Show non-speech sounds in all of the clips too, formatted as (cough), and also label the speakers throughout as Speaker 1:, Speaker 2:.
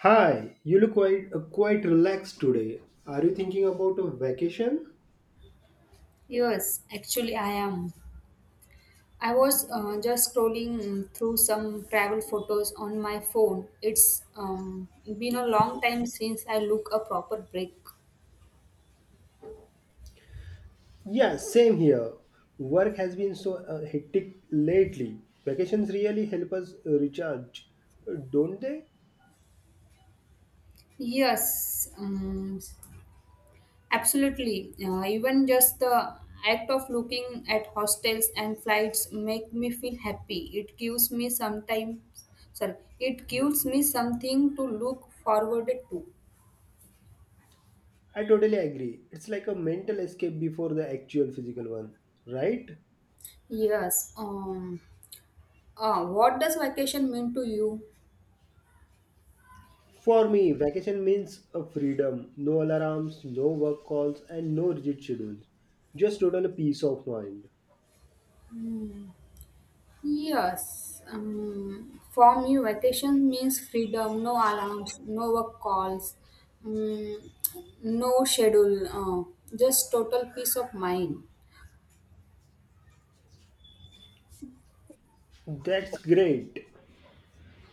Speaker 1: Hi, you look quite relaxed today. Are you thinking about a vacation?
Speaker 2: Yes, actually, I am. I was just scrolling through some travel photos on my phone. It's been a long time since I look a proper break.
Speaker 1: Yeah, same here. Work has been so hectic lately. Vacations really help us recharge, don't they?
Speaker 2: Yes, absolutely. Even just the act of looking at hostels and flights make me feel happy. It gives me some time. Sorry, it gives me something to look forward to.
Speaker 1: I totally agree. It's like a mental escape before the actual physical one, right?
Speaker 2: Yes. Um. What does vacation mean to you?
Speaker 1: For me, vacation means a freedom, no alarms, no work calls, and no rigid schedules. Just total peace of mind.
Speaker 2: Mm, Yes. For me, vacation means freedom, no alarms, no work calls, um, no schedule, uh, just total peace of mind.
Speaker 1: That's great.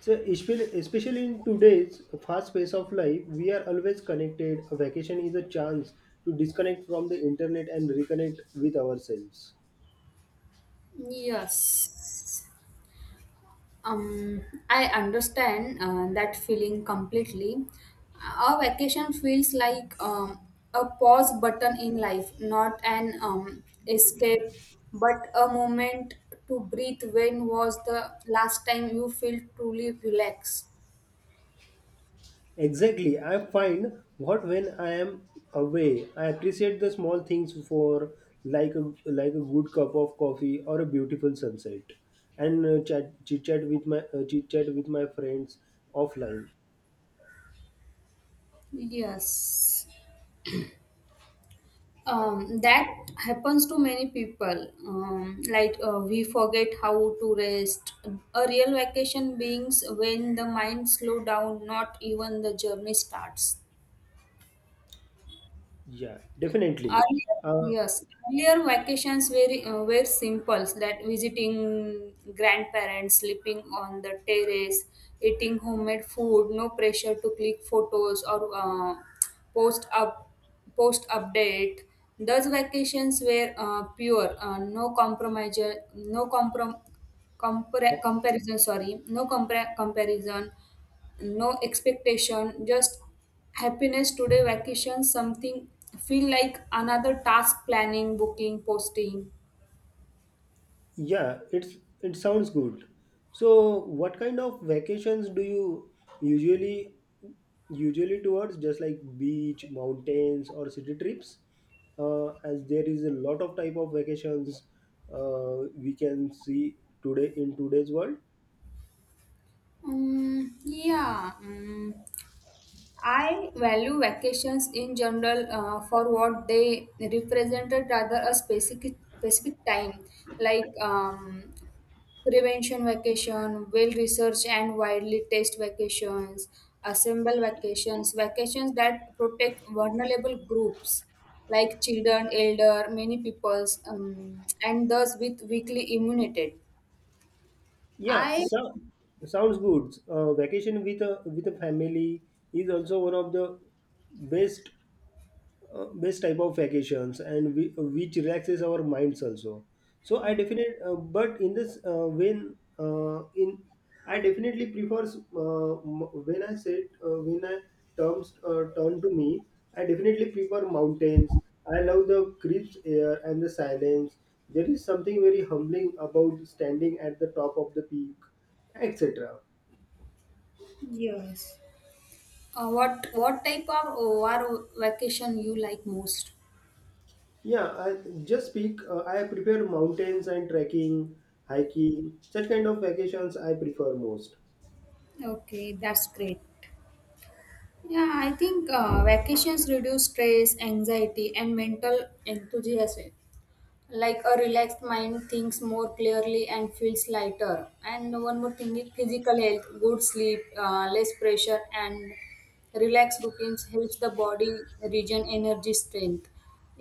Speaker 1: So, especially in today's fast pace of life, we are always connected. A vacation is a chance to disconnect from the internet and reconnect with ourselves.
Speaker 2: Yes. Um, I understand that feeling completely. A vacation feels like a pause button in life, not an escape, but a moment to breathe. When was the last time you felt truly relaxed?
Speaker 1: Exactly. I find what when I am away, I appreciate the small things for like a good cup of coffee or a beautiful sunset, and chat chit chat with my friends offline.
Speaker 2: Yes. That happens to many people like we forget how to rest. A real vacation beings when the mind slow down, not even the journey starts.
Speaker 1: Yeah, definitely.
Speaker 2: Earlier,
Speaker 1: Uh,
Speaker 2: yes, earlier vacations were simple, that visiting grandparents, sleeping on the terrace, eating homemade food, no pressure to click photos or post up post update. Those vacations were pure, no compromise, no comprom comparison. Sorry, comparison, no expectation, just happiness. Today vacation something feel like another task, planning, booking, posting.
Speaker 1: Yeah, it sounds good. So, what kind of vacations do you usually usually towards, just like beach, mountains or city trips? As there is a lot of type of vacations we can see today in today's world.
Speaker 2: Yeah, I value vacations in general for what they represented rather a specific time, like prevention vacation, well researched and widely test vacations, assemble vacations, vacations that protect vulnerable groups like children, elder, many peoples, and those with weakly immunity.
Speaker 1: Yeah,
Speaker 2: I
Speaker 1: so sounds good. Vacation with a family is also one of the best type of vacations and which relaxes our minds also. So I definitely but in this when in I definitely prefers when I said when I terms turn to me I definitely prefer mountains. I love the crisp air and the silence. There is something very humbling about standing at the top of the peak, etc.
Speaker 2: Yes. What type of OR vacation you like most?
Speaker 1: Yeah, I just speak. I prefer mountains and trekking, hiking, such kind of vacations I prefer most.
Speaker 2: Okay, that's great. Yeah, I think vacations reduce stress, anxiety, and mental enthusiasm. Like a relaxed mind thinks more clearly and feels lighter. And one more thing is physical health, good sleep, less pressure and relaxed routines helps the body regain energy strength.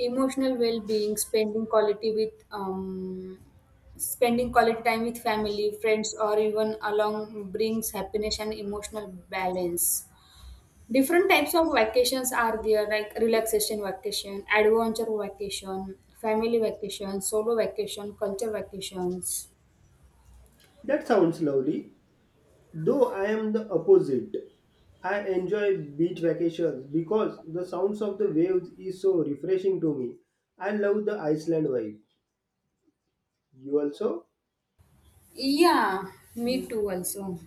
Speaker 2: Emotional well-being, spending quality with spending quality time with family, friends, or even along brings happiness and emotional balance. Different types of vacations are there, like relaxation vacation, adventure vacation, family vacation, solo vacation, culture vacations.
Speaker 1: That sounds lovely, though I am the opposite. I enjoy beach vacations because the sounds of the waves is so refreshing to me. I love the Iceland vibe. You also?
Speaker 2: Yeah, me too also.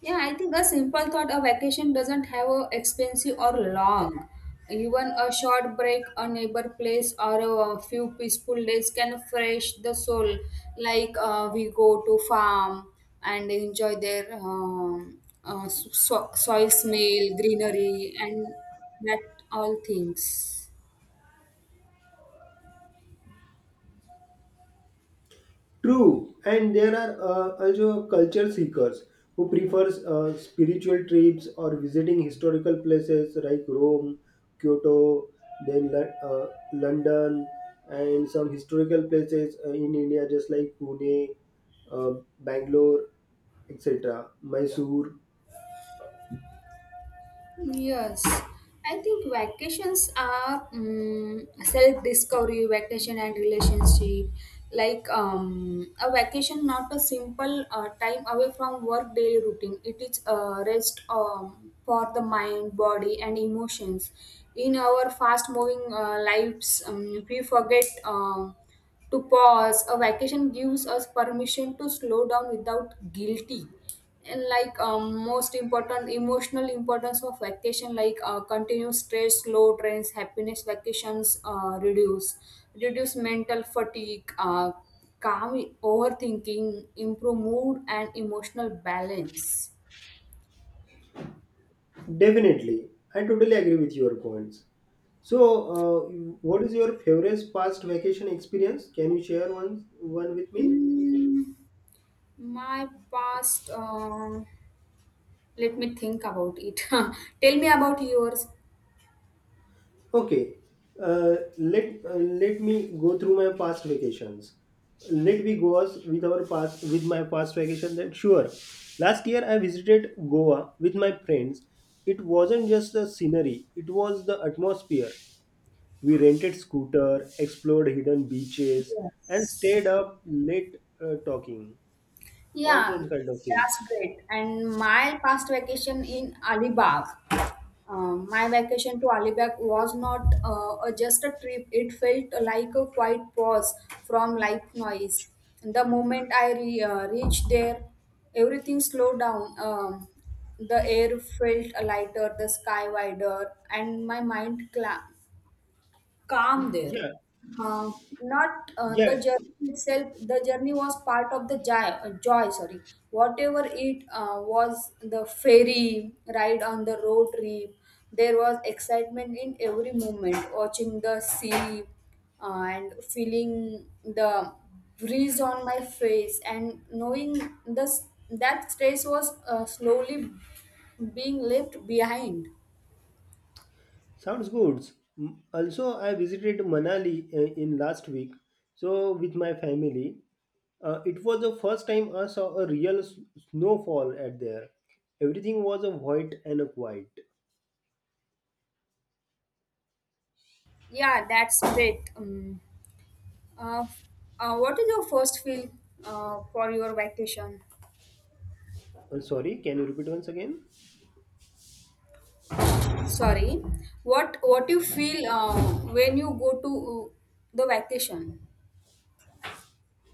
Speaker 2: Yeah, I think a simple thought, a vacation doesn't have a expensive or long. Even a short break, a neighbor place, or a few peaceful days can fresh the soul. Like we go to farm and enjoy their soil smell, greenery, and that all things.
Speaker 1: True, and there are also culture seekers who prefers spiritual trips or visiting historical places like Rome, Kyoto, then London, and some historical places in India, just like Pune, uh, Bangalore, etc., Mysore.
Speaker 2: Yes, I think vacations are self discovery, vacation and relationship. Like a vacation, not a simple time away from work daily routine. It is a rest for the mind, body, and emotions. In our fast moving lives, we forget to pause. A vacation gives us permission to slow down without guilty. And like most important emotional importance of vacation, like continuous stress low trends happiness. Vacations reduce mental fatigue, calm overthinking, improve mood and emotional balance.
Speaker 1: Definitely, I totally agree with your points. So, uh, what is your favorite past vacation experience? Can you share one with me?
Speaker 2: Mm, my past let me think about it. (laughs) Tell me about yours.
Speaker 1: Okay, let me go through my past vacations. Let me go us with our past with my past vacation. Then sure, last year I visited Goa with my friends. It wasn't just the scenery; it was the atmosphere. We rented scooter, explored hidden beaches, and stayed up late talking. All
Speaker 2: Yeah,
Speaker 1: that kind of
Speaker 2: that's
Speaker 1: things.
Speaker 2: great. And my past vacation in Alibag, my vacation to Alibag was not just a trip. It felt like a quiet pause from life noise. The moment I reached there, everything slowed down. The air felt lighter, the sky wider, and my mind cla calm there.
Speaker 1: Yeah,
Speaker 2: Uh, not
Speaker 1: yeah.
Speaker 2: the journey itself. The journey was part of the joy. Joy, sorry. Whatever it was, the ferry ride on the road trip. There was excitement in every moment. Watching the sea and feeling the breeze on my face, and knowing this that stress was slowly being left behind.
Speaker 1: Sounds good. Also, I visited Manali in last week, so with my family. It was the first time I saw a real snowfall at there. Everything was a white and a quiet.
Speaker 2: Yeah, that's great. Uh, what is your first feel for your vacation?
Speaker 1: Sorry, can you repeat once again?
Speaker 2: Sorry, what you feel when you go to the vacation?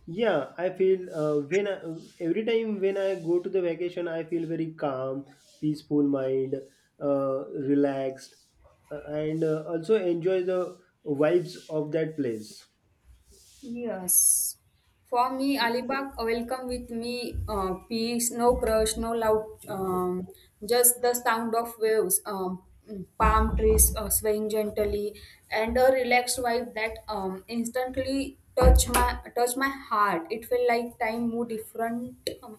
Speaker 1: Yeah, I feel every time when I go to the vacation, I feel very calm, peaceful mind, uh, relaxed, and also enjoy the vibes of that place.
Speaker 2: Yes, for me, Alibag welcome with me peace, no crush, no loud, just the sound of waves, palm trees swaying gently, and a relaxed vibe that instantly touch my heart. It felt like time moved different. um,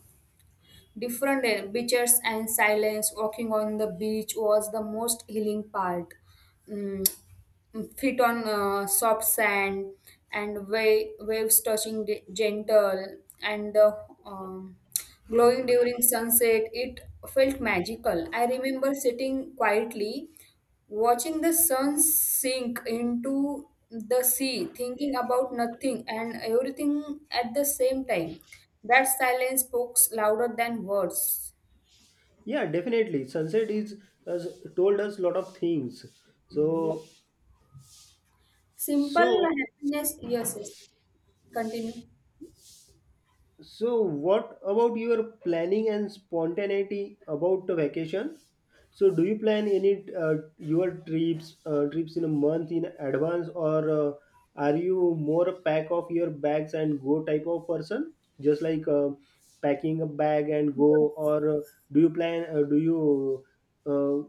Speaker 2: Different beaches and silence. Walking on the beach was the most healing part. Mm, Feet on soft sand, and waves touching the gentle, and the um, glowing during sunset, it felt magical. I remember sitting quietly, watching the sun sink into the sea, thinking about nothing and everything at the same time. That silence speaks louder than words.
Speaker 1: Yeah, definitely. Sunset is has told us lot of things.
Speaker 2: Yeah.
Speaker 1: so
Speaker 2: Simple
Speaker 1: so
Speaker 2: happiness, yes, yes. Continue.
Speaker 1: So, what about your planning and spontaneity about the vacation? So, do you plan any your trips in a month in advance, or are you more pack of your bags and go type of person, just like packing a bag and go, or do you plan? Do you uh,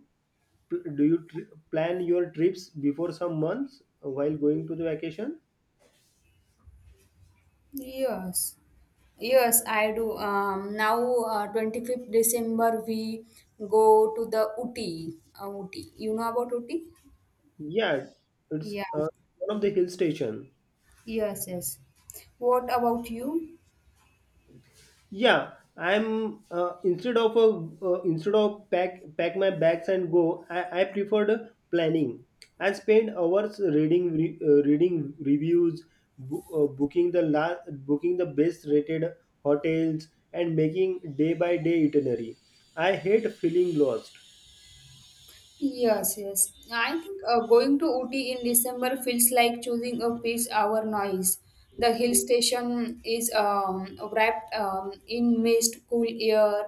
Speaker 1: pl- do you tr- plan your trips before some months while going to the vacation?
Speaker 2: Yes. Yes, I do. Now, 25th December, we go to the Uti. Uti. You know about Uti?
Speaker 1: Yeah, it's
Speaker 2: Yeah.
Speaker 1: one of the hill station.
Speaker 2: Yes, yes. What about you?
Speaker 1: Yeah, I'm instead of instead of pack my bags and go. I preferred planning. I spent hours reading reviews, booking the best rated hotels, and making day by day itinerary. I hate feeling lost.
Speaker 2: Yes, yes. I think going to Ooty in December feels like choosing a peace hour noise. The hill station is wrapped in mist, cool air,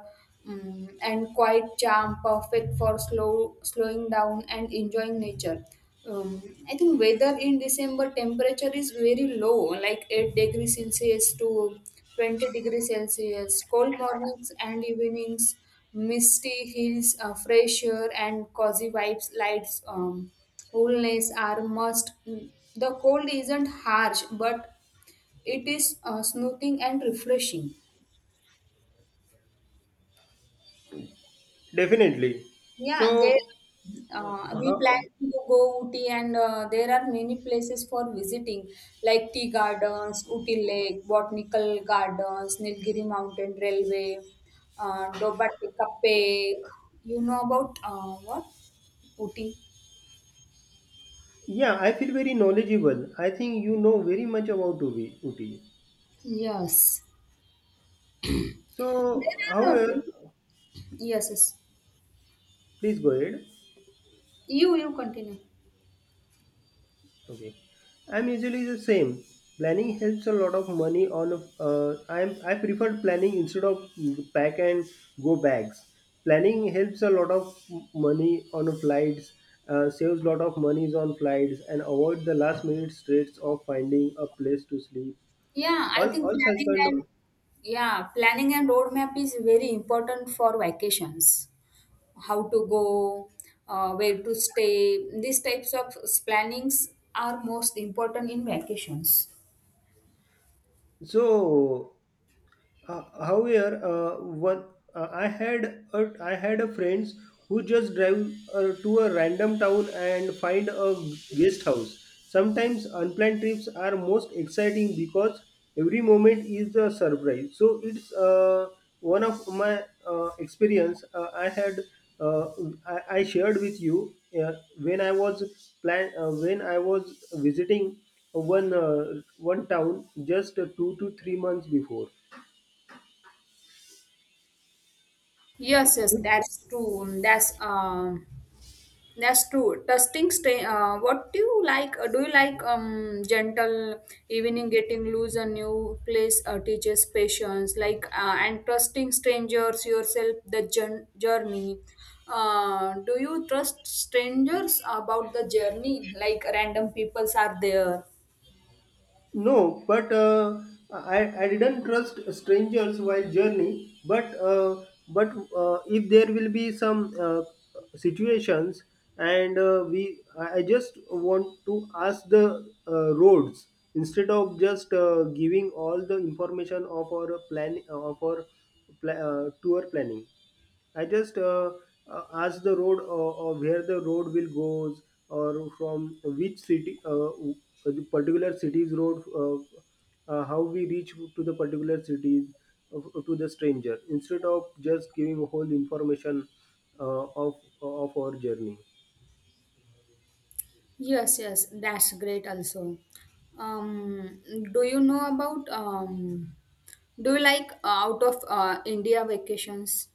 Speaker 2: um, and quiet charm, perfect for slowing down and enjoying nature. Um, I think weather in December temperature is very low, like 8 degrees Celsius to 20 degrees Celsius, cold mornings and evenings, misty hills, fresh air, and cozy vibes, lights, coolness are must. The cold isn't harsh, but it is soothing and refreshing.
Speaker 1: Definitely.
Speaker 2: Yeah, and there
Speaker 1: So, uh,
Speaker 2: we plan
Speaker 1: how-
Speaker 2: to go Ooty, and there are many places for visiting, like tea gardens, Ooty Lake, botanical gardens, Nilgiri Mountain Railway, Dobate Cafe. You know about what Ooty?
Speaker 1: yeah, I feel very knowledgeable. I think you know very much about Ubi. Uti.
Speaker 2: Yes.
Speaker 1: So,
Speaker 2: There are
Speaker 1: however,
Speaker 2: yes, yes.
Speaker 1: please go ahead.
Speaker 2: You continue.
Speaker 1: Okay, I'm usually the same. Planning helps a lot of money on. I prefer planning instead of pack and go bags. Planning helps a lot of money on flights, saves lot of monies on flights, and avoid the last minute straits of finding a place to sleep.
Speaker 2: Yeah, I think
Speaker 1: All such
Speaker 2: planning
Speaker 1: kind
Speaker 2: and
Speaker 1: of.
Speaker 2: yeah, planning and roadmap is very important for vacations. How to go, where to stay. These types of plannings are most important in vacations.
Speaker 1: So, however, one I had a friends who just drive to a random town and find a guest house. Sometimes unplanned trips are most exciting because every moment is a surprise. So it's one of my experience uh, I shared with you uh, when I was visiting one town just 2 to 3 months before.
Speaker 2: Yes, yes, that's true. That's true. Testing stay. What do you like? Do you like gentle evening getting loose a new place teaches patience like and trusting strangers yourself the journey. Do you trust strangers about the journey? Like random peoples are there.
Speaker 1: No, but I didn't trust strangers while journey. But if there will be some situations, and we, I just want to ask the roads instead of just giving all the information of our plan of our pla- tour planning. I just ask the road or where the road will goes or from which city, w- the particular city's road, how we reach to the particular cities to the stranger instead of just giving whole information uh, of of our journey.
Speaker 2: Yes, yes, that's great also. Um, do you know about do you like out of India vacations,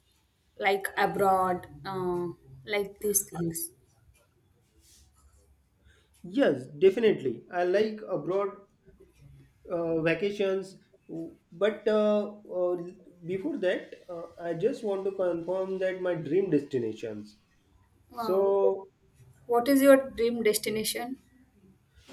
Speaker 2: like abroad, like these things?
Speaker 1: Yes, definitely. I like abroad vacations, but uh, before that, I just want to confirm that my dream destinations.
Speaker 2: Uh,
Speaker 1: So
Speaker 2: what is your dream destination?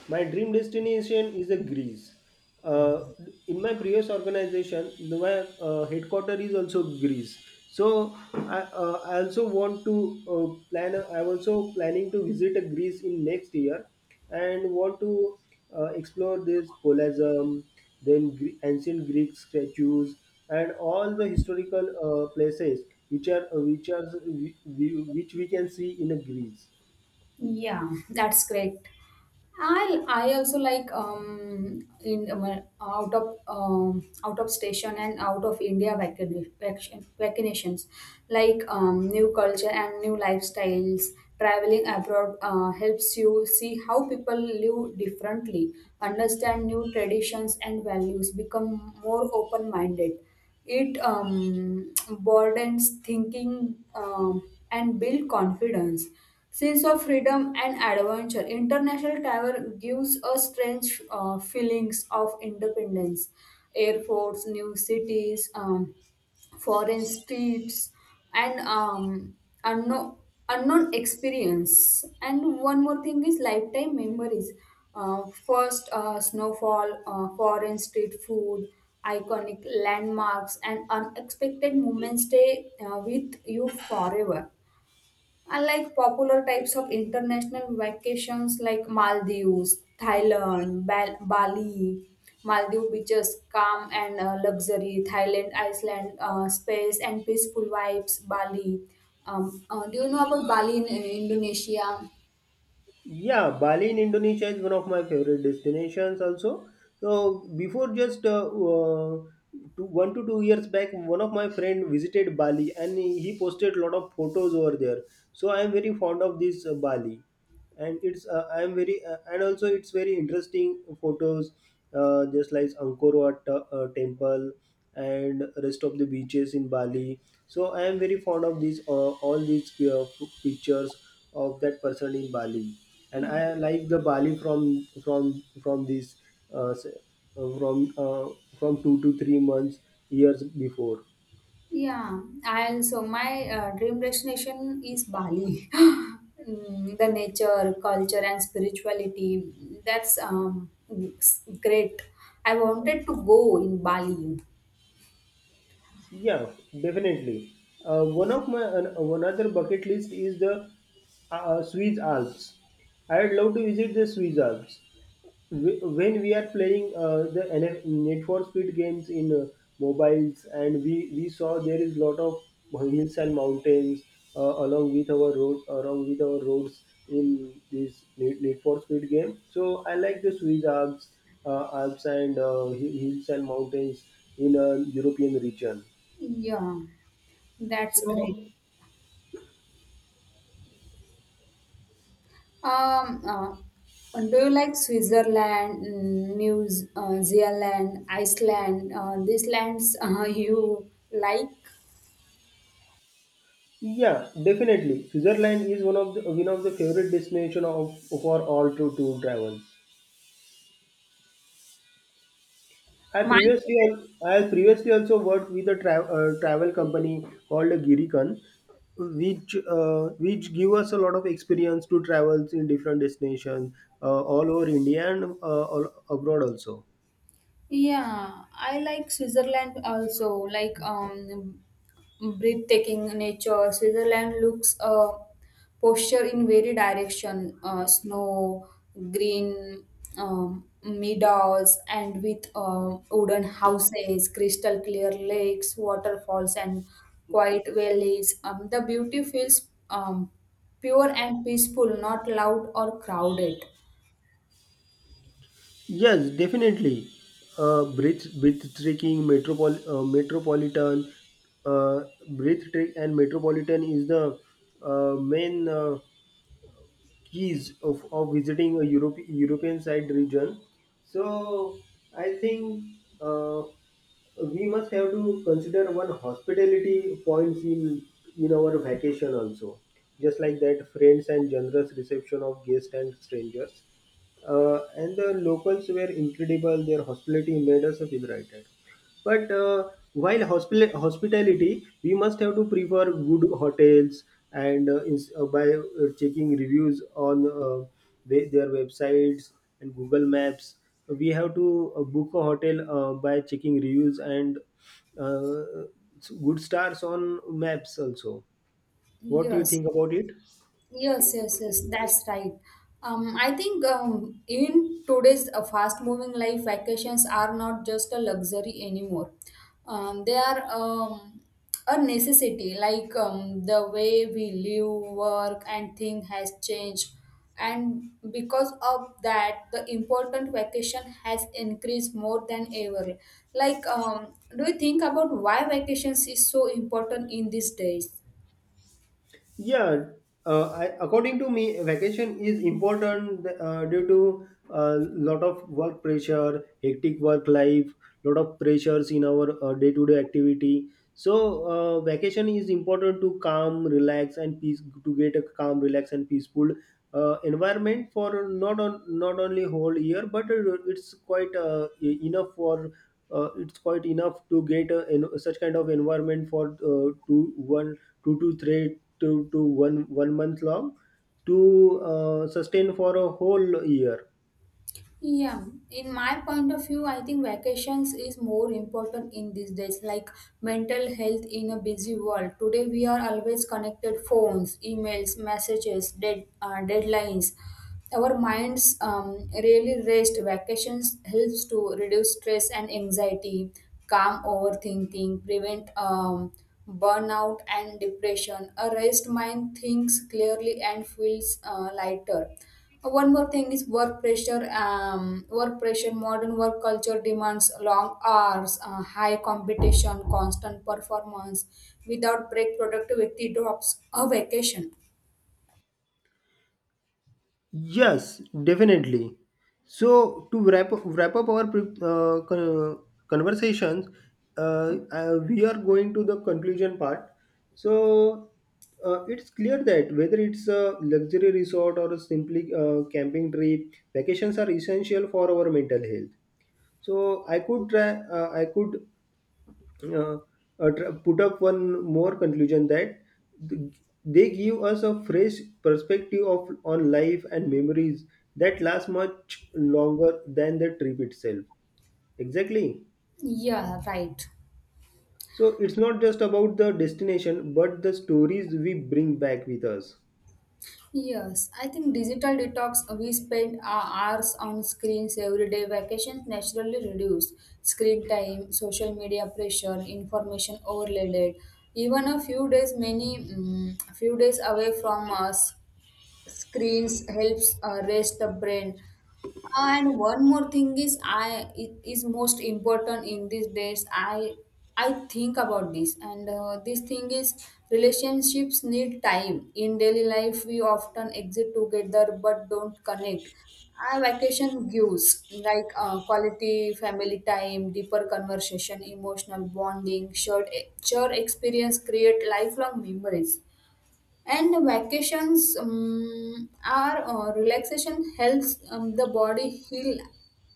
Speaker 1: my dream destination is a Greece. Uh, in my previous organization, my headquarter is also Greece. So I also want to plan. I'm also planning to visit a Greece in next year, and want to explore this Colosseum, then ancient Greek statues, and all the historical places which are uh, which are which we can see in a Greece.
Speaker 2: Yeah, that's great. I also like in out of station and out of India vaccinations, like new culture and new lifestyles. Traveling abroad helps you see how people live differently, understand new traditions and values, become more open minded. It broadens thinking and build confidence, sense of freedom and adventure. International travel gives us strange feelings of independence, airports, new cities. Foreign streets and unknown, unknown experience. And one more thing is lifetime memories, first snowfall, foreign street food, iconic landmarks, and unexpected moments stay with you forever. Unlike popular types of international vacations like Maldives, Thailand, Bali, Maldive beaches, calm and luxury, Thailand, Iceland, space and peaceful vibes, Bali. Do you know about Bali in Indonesia?
Speaker 1: Yeah, Bali in Indonesia is one of my favorite destinations also. So before just 1 to 2 years back, one of my friend visited Bali and he posted a lot of photos over there. So I am very fond of this Bali and it's I am very and also it's very interesting photos just like angkor wat temple and rest of the beaches in bali. So I am very fond of these all these pictures of that person in bali, and I like the bali from from this uh, s- uh, from uh, from 2 to 3 months years before.
Speaker 2: Yeah, and so my dream destination is Bali. (laughs) Mm, the nature, culture, and spirituality. That's Great. I wanted to go in Bali.
Speaker 1: Yeah, definitely. One of my one other bucket list is the Swiss Alps. I would love to visit the Swiss Alps. When we are playing the NF Net for Speed games in mobiles, and we saw there is lot of hills and mountains along with our roads in this Need for Speed game. So I like the Swiss Alps, and hills and mountains in a European region.
Speaker 2: Yeah, that's great.
Speaker 1: So
Speaker 2: Um, do you like Switzerland, mm, Zealand, Iceland? These lands (laughs) you like?
Speaker 1: yeah, definitely. Switzerland is one of the favorite destination of for all to travel. I
Speaker 2: Mine.
Speaker 1: previously al- I previously also worked with a travel company called Giricon, which give us a lot of experience to travels in different destinations all over India and all abroad also.
Speaker 2: Yeah, I like Switzerland also. Like breathtaking nature. Switzerland looks posture in very direction. Snow, green meadows, and with wooden houses, crystal clear lakes, waterfalls, and quiet valleys. The beauty feels pure and peaceful, not loud or crowded.
Speaker 1: Yes, definitely. Breathtaking metropolitan, uh, breathtaking and metropolitan is the main keys of, visiting a European side region. So I think uh, we must have to consider one hospitality points in our vacation also, just like that friends and generous reception of guests and strangers. And the locals were incredible. Their hospitality made us feel righted. But while hospitality, we must have to prefer good hotels and by checking reviews on their websites and Google Maps. We have to book a hotel by checking reviews and uh, good stars on maps also. What do you
Speaker 2: Yes.
Speaker 1: think about it?
Speaker 2: Yes, yes, yes, that's right. I think in today's fast-moving life, vacations are not just a luxury anymore. They are a necessity. Like the way we live, work, and think has changed, and because of that, the important vacation has increased more than ever. Like, do you think about why vacations is so important in these days?
Speaker 1: Yeah, according to me, vacation is important due to a lot of work pressure, hectic work life, lot of pressures in our day to day activity. So, vacation is important to calm, relax, and peace to get a calm, relax, and peaceful environment for not only whole year, but it's quite e- enough for it's quite enough to get such kind of environment for 2 1 2 to three to 1 1 month long to sustain for a whole year.
Speaker 2: Yeah, in my point of view, I think vacations is more important in these days, like mental health in a busy world. Today, we are always connected phones, emails, messages, deadlines. Our minds really rest. Vacations helps to reduce stress and anxiety, calm overthinking, prevent burnout and depression. A rest mind thinks clearly and feels lighter. One more thing is work pressure. Modern work culture demands long hours, high competition, constant performance. Without break, productivity drops. A vacation.
Speaker 1: Yes, definitely. So to wrap up our conversations. We are going to the conclusion part. So it's clear that whether it's a luxury resort or a simply camping trip, vacations are essential for our mental health. So I could try, I could uh, tr- put up one more conclusion that th- they give us a fresh perspective of on life and memories that last much longer than the trip itself. Exactly,
Speaker 2: Yeah, right.
Speaker 1: so it's not just about the destination but the stories we bring back with us.
Speaker 2: Yes, I think digital detox. We spend our hours on screens every day. Vacations naturally reduce screen time, social media pressure, information overloaded. Even a few days, few days away from us screens helps rest the brain. And one more thing is, I it is most important in these days. I think about this, and this thing is relationships need time. In daily life we often exit together but don't connect. Our vacation gives like quality family time, deeper conversation, emotional bonding, shared experience create lifelong memories. And vacations are relaxation helps the body heal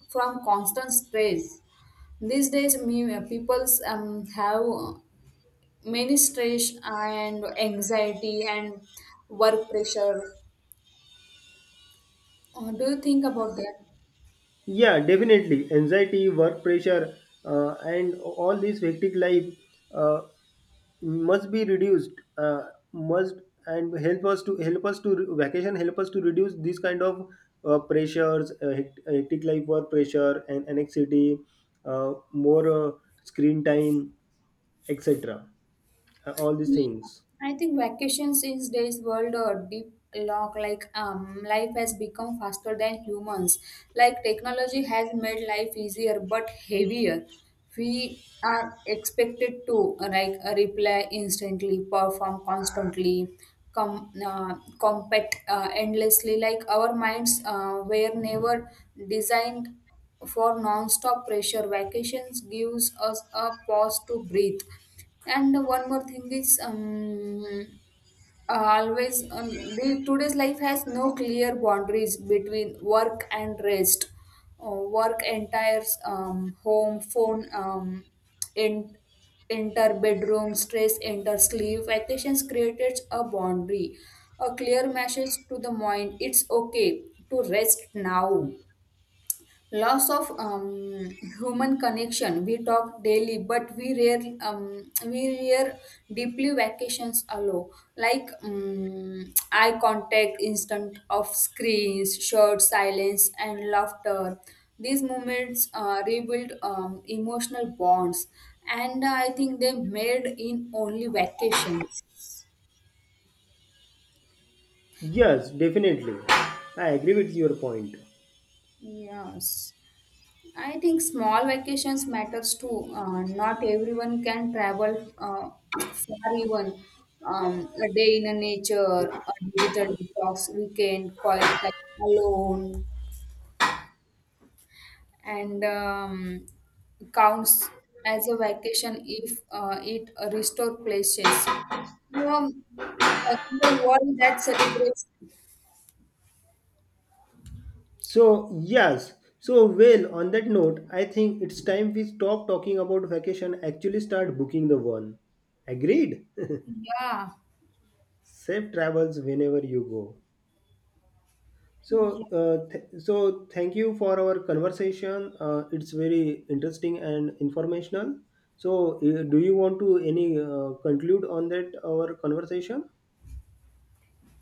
Speaker 2: from constant stress. These days, me people's have many stress and anxiety and work pressure. Do you think about that?
Speaker 1: Yeah, definitely. Anxiety, work pressure, and all this hectic life uh, must be reduced. Uh, must, and help us to re- vacation help us to reduce these kind of pressures, hectic life work pressure, and anxiety, more screen time, etc. All these
Speaker 2: Yeah,
Speaker 1: things.
Speaker 2: I think vacations in today's world are deep lock, like life has become faster than humans. Like technology has made life easier but heavier. We are expected to like reply instantly, perform constantly, compete endlessly. Like our minds were never designed for non-stop pressure. Vacations gives us a pause to breathe. And one more thing is, always today's life has no clear boundaries between work and rest. Uh, work entires home, phone, in, enter bedroom, stress, enter sleep. Vacations created a boundary, a clear message to the mind. It's okay to rest now. Loss of human connection. We talk daily, but we rare deeply. Vacations allow, like eye contact, instant of screens, short silence, and laughter. These moments rebuild emotional bonds, and I think they made in only vacations.
Speaker 1: Yes, definitely. I agree with your point.
Speaker 2: Yes. I think small vacations matters too. Not everyone can travel far. Even a day in a nature, a digital detox weekend, quiet time alone, and counts as a vacation if it restore places. Um, in the world that celebrates,
Speaker 1: So, yes. So, well, on that note, I think it's time we stop talking about vacation, actually start booking the one. Agreed? (laughs)
Speaker 2: yeah,
Speaker 1: Safe travels whenever you go. So, thank you for our conversation. It's very interesting and informational. So, do you want to any conclude on that our conversation?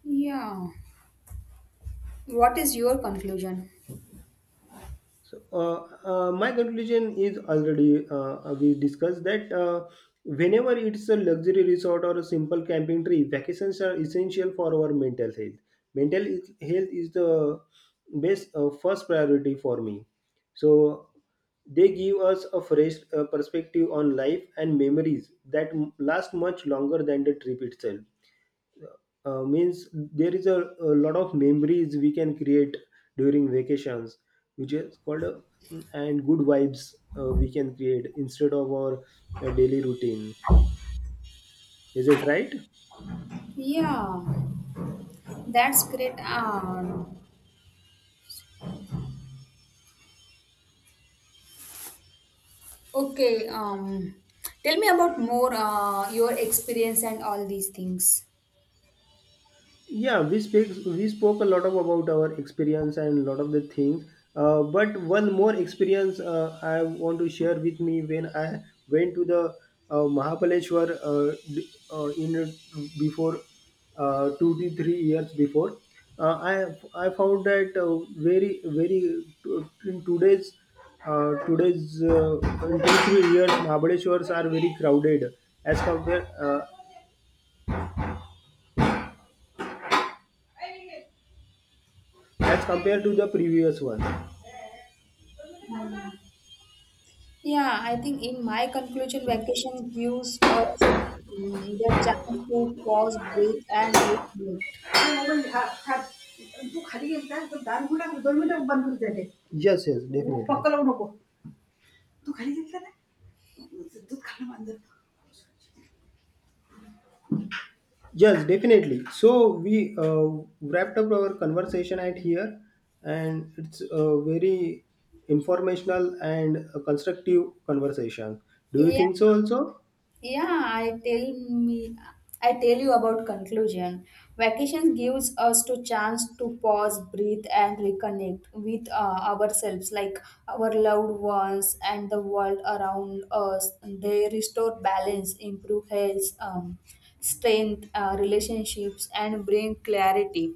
Speaker 2: yeah. What is your conclusion?
Speaker 1: So, my conclusion is already we discussed that whenever it's a luxury resort or a simple camping trip, vacations are essential for our mental health. Mental health is the best first priority for me. So, they give us a fresh perspective on life and memories that last much longer than the trip itself. Means there is a lot of memories we can create during vacations, which is called and good vibes we can create instead of our daily routine. Is it right?
Speaker 2: Yeah, that's great. Okay, tell me about more your experience and all these things.
Speaker 1: Yeah, we spoke a lot of about our experience and a lot of the things. But one more experience I want to share with me when I went to the Mahabaleshwar in before 2 to 3 years before. Uh, I I found that very very in today's today's in 2 3 years Mahabaleshwars are very crowded as compared. Uh, as compared to the previous one.
Speaker 2: Yeah, I think in my conclusion, vacation gives us the chance to pause, breathe, and reflect.
Speaker 1: तू खाली गेलता तर दार उघडा दोन मिनिटं बंद होत जाते. Yes, yes, definitely. पक्क लावू नको तू खाली गेलता ना दूध खाणं मांजर. Yes, definitely. So we uh, wrapped up our conversation at here, and it's a very informational and a constructive conversation. Do you
Speaker 2: Yeah,
Speaker 1: think so? Also,
Speaker 2: Yeah, I tell me I tell you about conclusion. Vacation gives us to chance to pause, breathe and reconnect with ourselves, like our loved ones and the world around us. They restore balance, improve health, strength, relationships and bring clarity.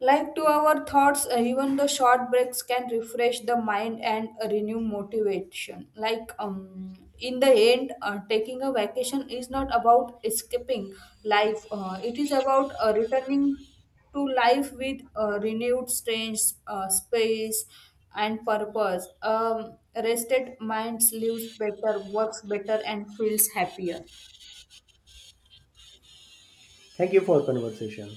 Speaker 2: Like to our thoughts, even the short breaks can refresh the mind and renew motivation. Like in the end, taking a vacation is not about escaping life. It is about returning to life with renewed strength, space, and purpose. Rested minds lives better, works better, and feels happier.
Speaker 1: thank you for conversation.